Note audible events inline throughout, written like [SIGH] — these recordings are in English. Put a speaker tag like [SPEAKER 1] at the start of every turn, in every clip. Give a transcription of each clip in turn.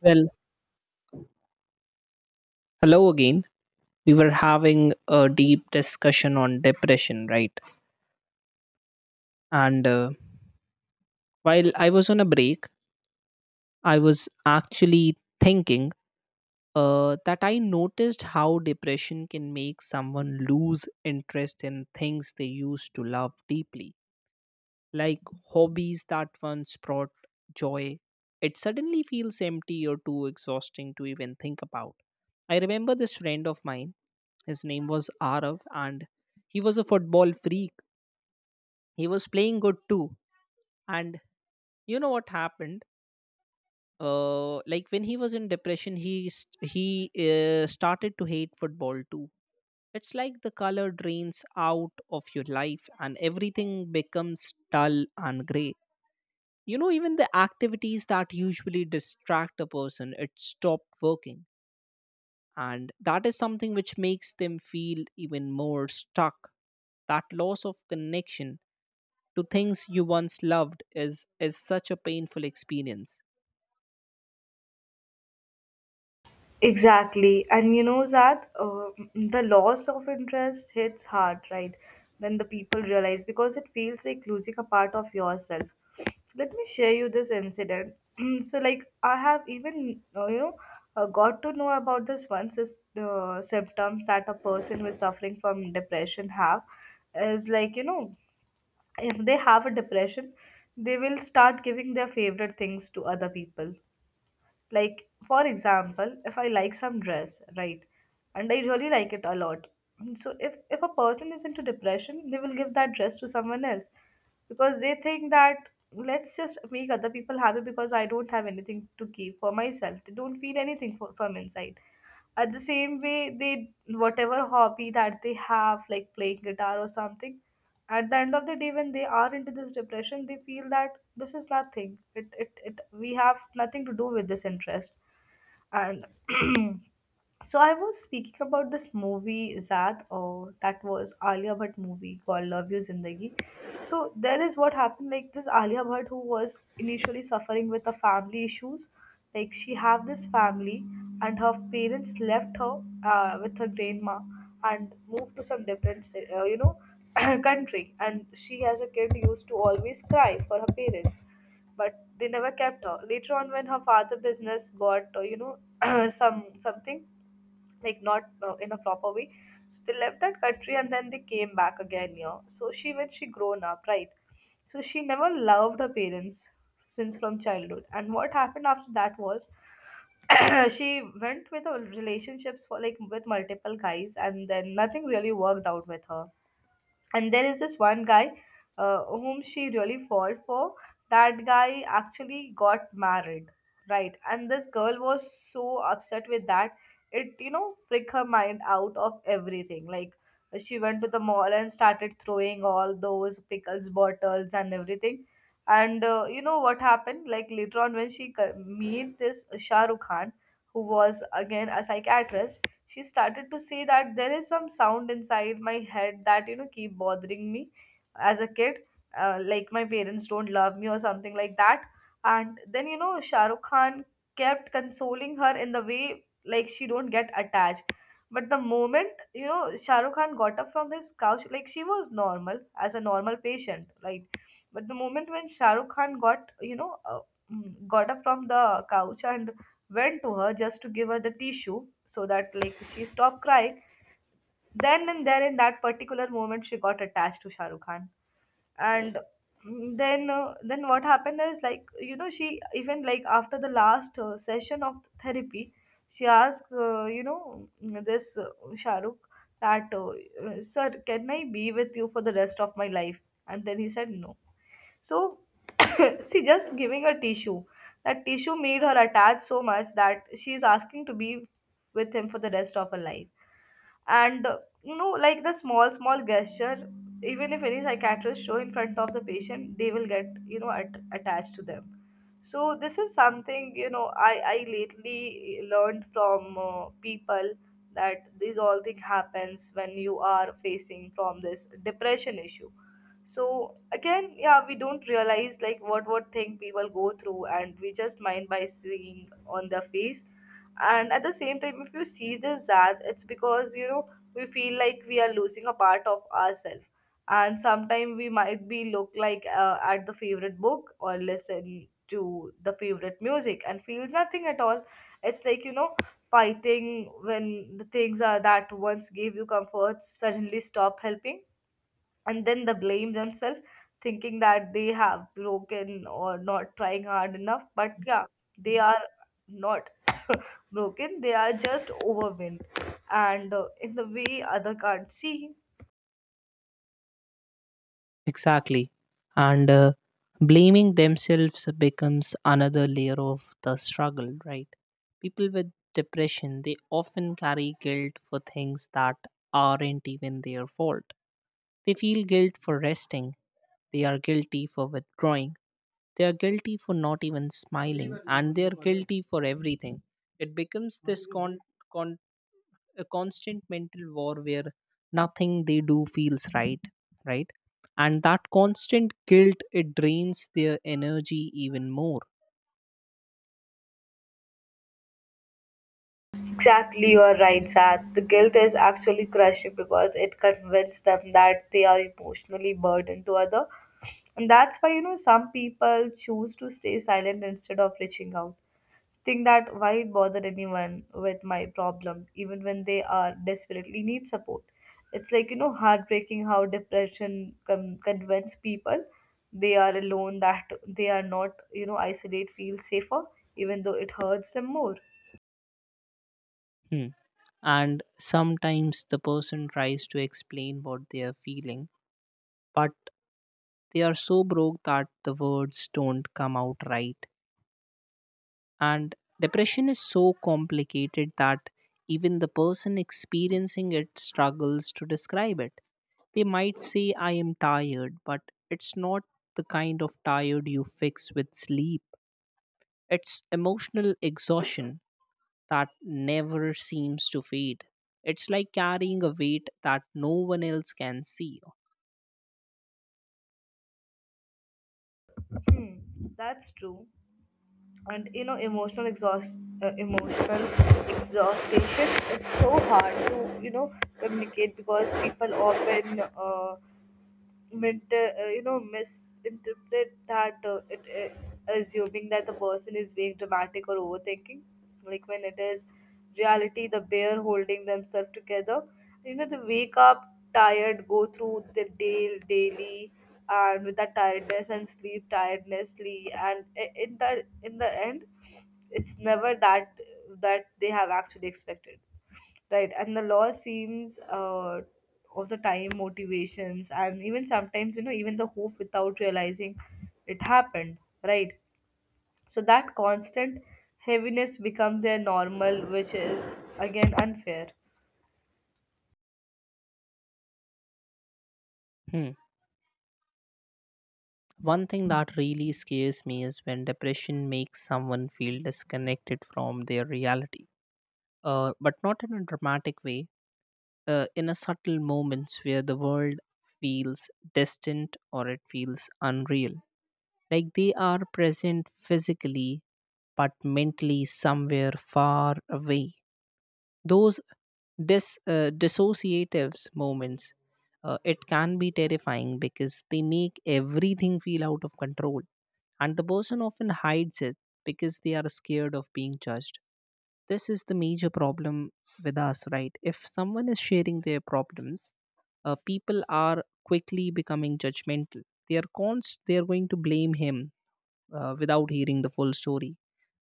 [SPEAKER 1] Well, hello again. We were having a deep discussion on depression, right? And while I was on a break, I was actually thinking that I noticed how depression can make someone lose interest in things they used to love deeply, like hobbies that once brought joy. It suddenly feels empty or too exhausting to even think about. I remember this friend of mine, his name was Arav, and he was a football freak, he was playing good too, and you know what happened. Like when he was in depression, he started to hate football too. It's like the color drains out of your life and everything becomes dull and gray. You know, even the activities that usually distract a person, it stopped working, and that is something which makes them feel even more stuck. That loss of connection to things you once loved is such a painful experience.
[SPEAKER 2] Exactly. And you know that the loss of interest hits hard, right? When the people realize because it feels like losing a part of yourself. Let me share you this incident. [CLEARS THROAT] So, like, I have even, got to know about this one symptoms that a person who is suffering from depression have is like, if they have a depression, they will start giving their favorite things to other people, like, for example, if I like some dress, right, and I really like it a lot. So, if a person is into depression, they will give that dress to someone else, because they think that let's just make other people happy because I don't have anything to give for myself. They don't feel anything from inside. At the same way, they whatever hobby that they have, like playing guitar or something, at the end of the day, when they are into this depression, they feel that this is nothing. It We have nothing to do with this interest, and [CLEARS THROAT] so I was speaking about this movie Zad, or that was Alia Bhatt movie called Love You Zindagi. So there is what happened, like this Alia Bhatt who was initially suffering with the family issues. Like, she have this family and her parents left her with her grandma and moved to some different [CLEARS THROAT] country, and she as a kid used to always cry for her parents, but they never kept her. Later on, when her father business got [CLEARS THROAT] something, like not in a proper way, so they left that country and then they came back again here. So she, when she grown up, right? So she never loved her parents since from childhood. And what happened after that was [CLEARS THROAT] she went with her relationships for, like, with multiple guys, and then nothing really worked out with her. And there is this one guy whom she really fall for. That guy actually got married, right, and this girl was so upset with that, it freak her mind out of everything. Like, she went to the mall and started throwing all those pickles bottles and everything. And you know what happened, like later on when she meet this Shah Rukh Khan, who was again a psychiatrist. She started to say that there is some sound inside my head that keep bothering me as a kid, like my parents don't love me or something like that. And then, Shahrukh Khan kept consoling her in the way, like, she don't get attached. But the moment, Shahrukh Khan got up from his couch, like, she was normal as a normal patient, right? But the moment when Shahrukh Khan got you know mm, got up from the couch and went to her just to give her the tissue so that, like, she stopped crying, then and there in that particular moment, she got attached to Shahrukh Khan. And mm, then what happened is, like, she even, like, after the last session of therapy, she asked, this Shahrukh, that, sir, can I be with you for the rest of my life? And then he said no. So, [COUGHS] see, just giving a tissue, that tissue made her attached so much that she is asking to be with him for the rest of her life. And you know, like, the small small gesture even if any psychiatrist show in front of the patient, they will get, attached to them. So this is something, I lately learned from people, that these all thing happens when you are facing from this depression issue. So again, yeah, we don't realize like what thing people go through, and we just mind by seeing on their face. And at the same time, if you see this, that it's because, we feel like we are losing a part of ourselves, and sometimes we might be look like at the favorite book or listen to the favorite music and feel nothing at all. It's like, fighting when the things are that once gave you comfort suddenly stop helping, and then they blame themselves, thinking that they have broken or not trying hard enough. But yeah, they are not [LAUGHS] [COUGHS] broken, they are just overwhelmed, and in the way other can't see.
[SPEAKER 1] Exactly. And blaming themselves becomes another layer of the struggle, right? People with depression, they often carry guilt for things that aren't even their fault. They feel guilt for resting, they are guilty for withdrawing, they are guilty for not even smiling, and they are guilty for everything. It becomes a constant mental war where nothing they do feels right, right? And that constant guilt, it drains their energy even more.
[SPEAKER 2] Exactly, you are right, Zad. The guilt is actually crushing because it convinces them that they are emotionally burdened to other, and that's why, some people choose to stay silent instead of reaching out. Think that why bother anyone with my problem even when they are desperately need support. It's like, heartbreaking how depression convince people they are alone, that they are not, isolate feel safer even though it hurts them more.
[SPEAKER 1] Hmm. And sometimes the person tries to explain what they are feeling, but they are so broke that the words don't come out right. And depression is so complicated that even the person experiencing it struggles to describe it. They might say, I am tired, but it's not the kind of tired you fix with sleep. It's emotional exhaustion that never seems to fade. It's like carrying a weight that no one else can see.
[SPEAKER 2] Hmm. That's true. And you know, emotional exhaustion, it's so hard to, communicate because people often, mint, you know misinterpret, assuming that the person is being dramatic or overthinking, like when it is reality the bear holding themselves together, you know, to wake up tired, go through the day daily, and with that tiredness and sleep tirednessly, and in the end it's never that they have actually expected, right? And the law seems, of the time motivations, and even sometimes, even the hope without realizing it happened, right? So that constant heaviness becomes their normal, which is again unfair.
[SPEAKER 1] Hmm. One thing that really scares me is when depression makes someone feel disconnected from their reality, but not in a dramatic way, in a subtle moments where the world feels distant or it feels unreal. Like they are present physically, but mentally somewhere far away. Those dissociatives moments, it can be terrifying because they make everything feel out of control, and the person often hides it because they are scared of being judged. This is the major problem with us, right? If someone is sharing their problems, people are quickly becoming judgmental. They are going to blame him without hearing the full story.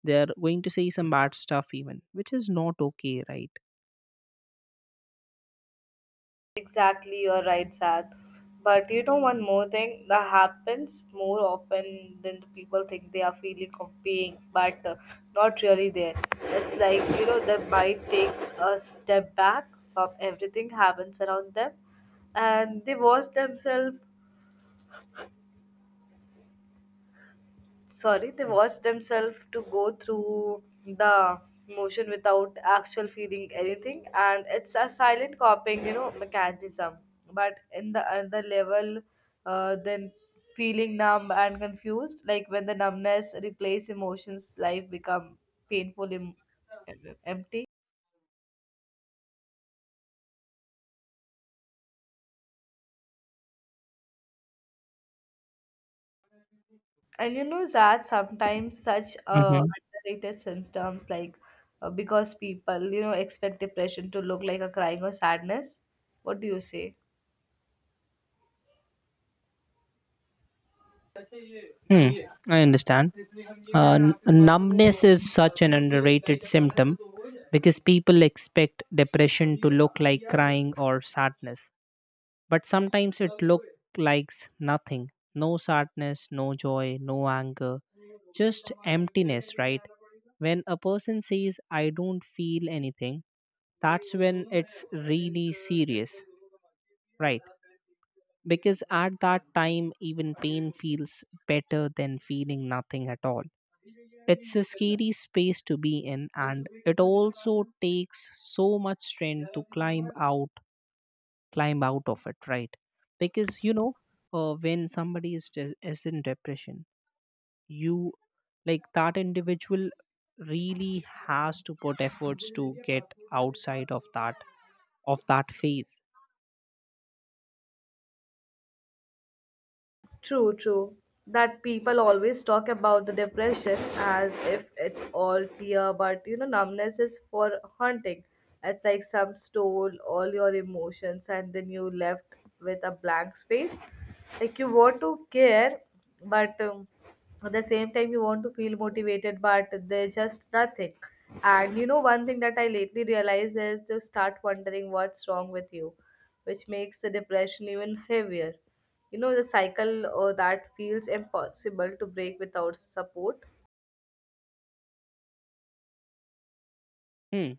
[SPEAKER 1] They are going to say some bad stuff even, which is not okay, right?
[SPEAKER 2] Exactly, you're right, Sad. But you know, one more thing that happens more often than the people think, they are feeling of being, but not really there. It's like, their mind takes a step back of everything happens around them, and they watch themselves, sorry they watch themselves to go through the motion without actual feeling anything, and it's a silent copying, mechanism. But in the other level, then feeling numb and confused, like when the numbness replace emotions, life become painful, empty. And you know that sometimes such
[SPEAKER 1] Mm-hmm.
[SPEAKER 2] underrated symptoms, like, because people, expect depression to look like a crying or sadness. What do you say?
[SPEAKER 1] I understand. Numbness is such an underrated symptom because people expect depression to look like crying or sadness. But sometimes it looks like nothing. No sadness, no joy, no anger, just emptiness, right? When a person says, I don't feel anything, that's when it's really serious, right? Because at that time, even pain feels better than feeling nothing at all. It's a scary space to be in, and it also takes so much strength to climb out of it, right? Because you know, when somebody is in depression, you, like that individual really has to put efforts to get outside of that phase.
[SPEAKER 2] True, true. That people always talk about the depression as if it's all fear, but, numbness is for haunting. It's like some stole all your emotions and then you left with a blank space. Like, you want to care, but at the same time, you want to feel motivated, but there's just nothing. And, one thing that I lately realized is to start wondering what's wrong with you, which makes the depression even heavier, the cycle that feels impossible to break without support.
[SPEAKER 1] Hmm.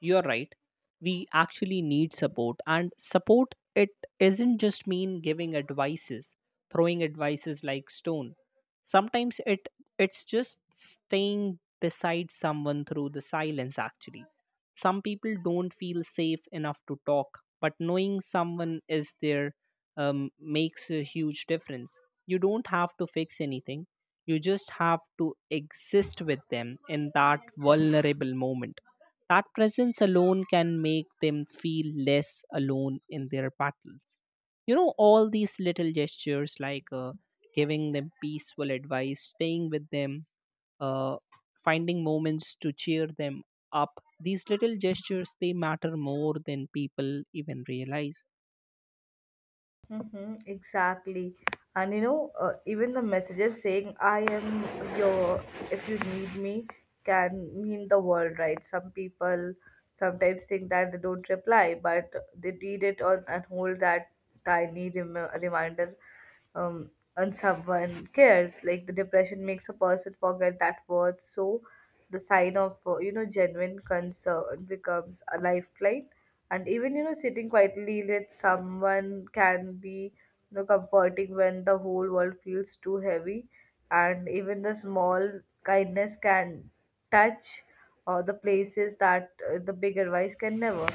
[SPEAKER 1] You're right. We actually need support, and support, it isn't just mean giving advices, throwing advices like stone. Sometimes it's just staying beside someone through the silence. Actually, some people don't feel safe enough to talk, but knowing someone is there, makes a huge difference. You don't have to fix anything. You just have to exist with them in that vulnerable moment. That presence alone can make them feel less alone in their battles. You know, all these little gestures like giving them peaceful advice, staying with them, uh, finding moments to cheer them up. These little gestures, they matter more than people even realize.
[SPEAKER 2] Mm-hmm, exactly. And, even the messages saying, I am your, if you need me, can mean the world, right? Some people sometimes think that they don't reply, but they read it on and hold that tiny reminder, um, and someone cares. Like, the depression makes a person forget that worth. So the sign of, genuine concern becomes a lifeline. And even, sitting quietly with someone can be, comforting when the whole world feels too heavy. And even the small kindness can touch or the places that, the big advice can never.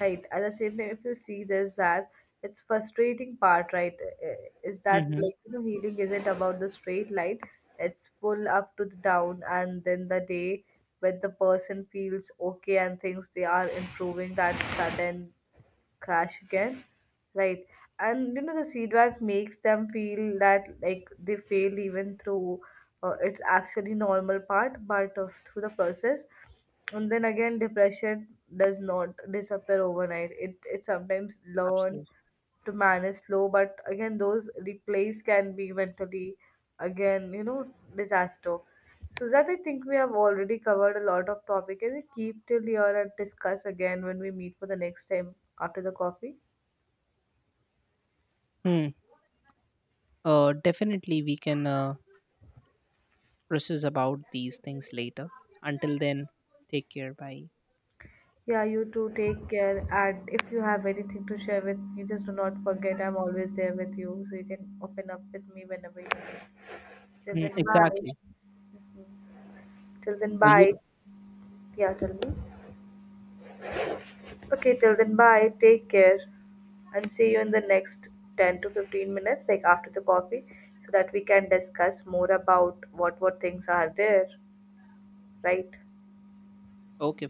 [SPEAKER 2] Right, at the same time, if you see this, that it's frustrating part, right, uh, is that,
[SPEAKER 1] Mm-hmm.
[SPEAKER 2] like, healing isn't about the straight line, it's full up to the down, and then the day when the person feels okay and thinks they are improving, that sudden crash again, right? And, the feedback makes them feel that, like, they failed even through, it's actually normal part. But of through the process, and then again depression does not disappear overnight, it sometimes learn
[SPEAKER 1] Absolutely.
[SPEAKER 2] to man is slow, but again those replays can be mentally, again, disaster. So that I think we have already covered a lot of topic, and we keep till here and discuss again when we meet for the next time, after the coffee.
[SPEAKER 1] Hmm. Definitely, we can process about these things later. Until then, take care. Bye.
[SPEAKER 2] Yeah, you too, take care. And if you have anything to share with me, just do not forget, I'm always there with you, so you can open up with me whenever you need. Till
[SPEAKER 1] Mm,
[SPEAKER 2] then, bye.
[SPEAKER 1] exactly.
[SPEAKER 2] [LAUGHS] Till then,
[SPEAKER 1] You
[SPEAKER 2] bye. Yeah, tell me. Okay, till then, bye, take care. And see you in the next 10 to 15 minutes, like after the coffee, so that we can discuss more about what things are there, right?
[SPEAKER 1] okay?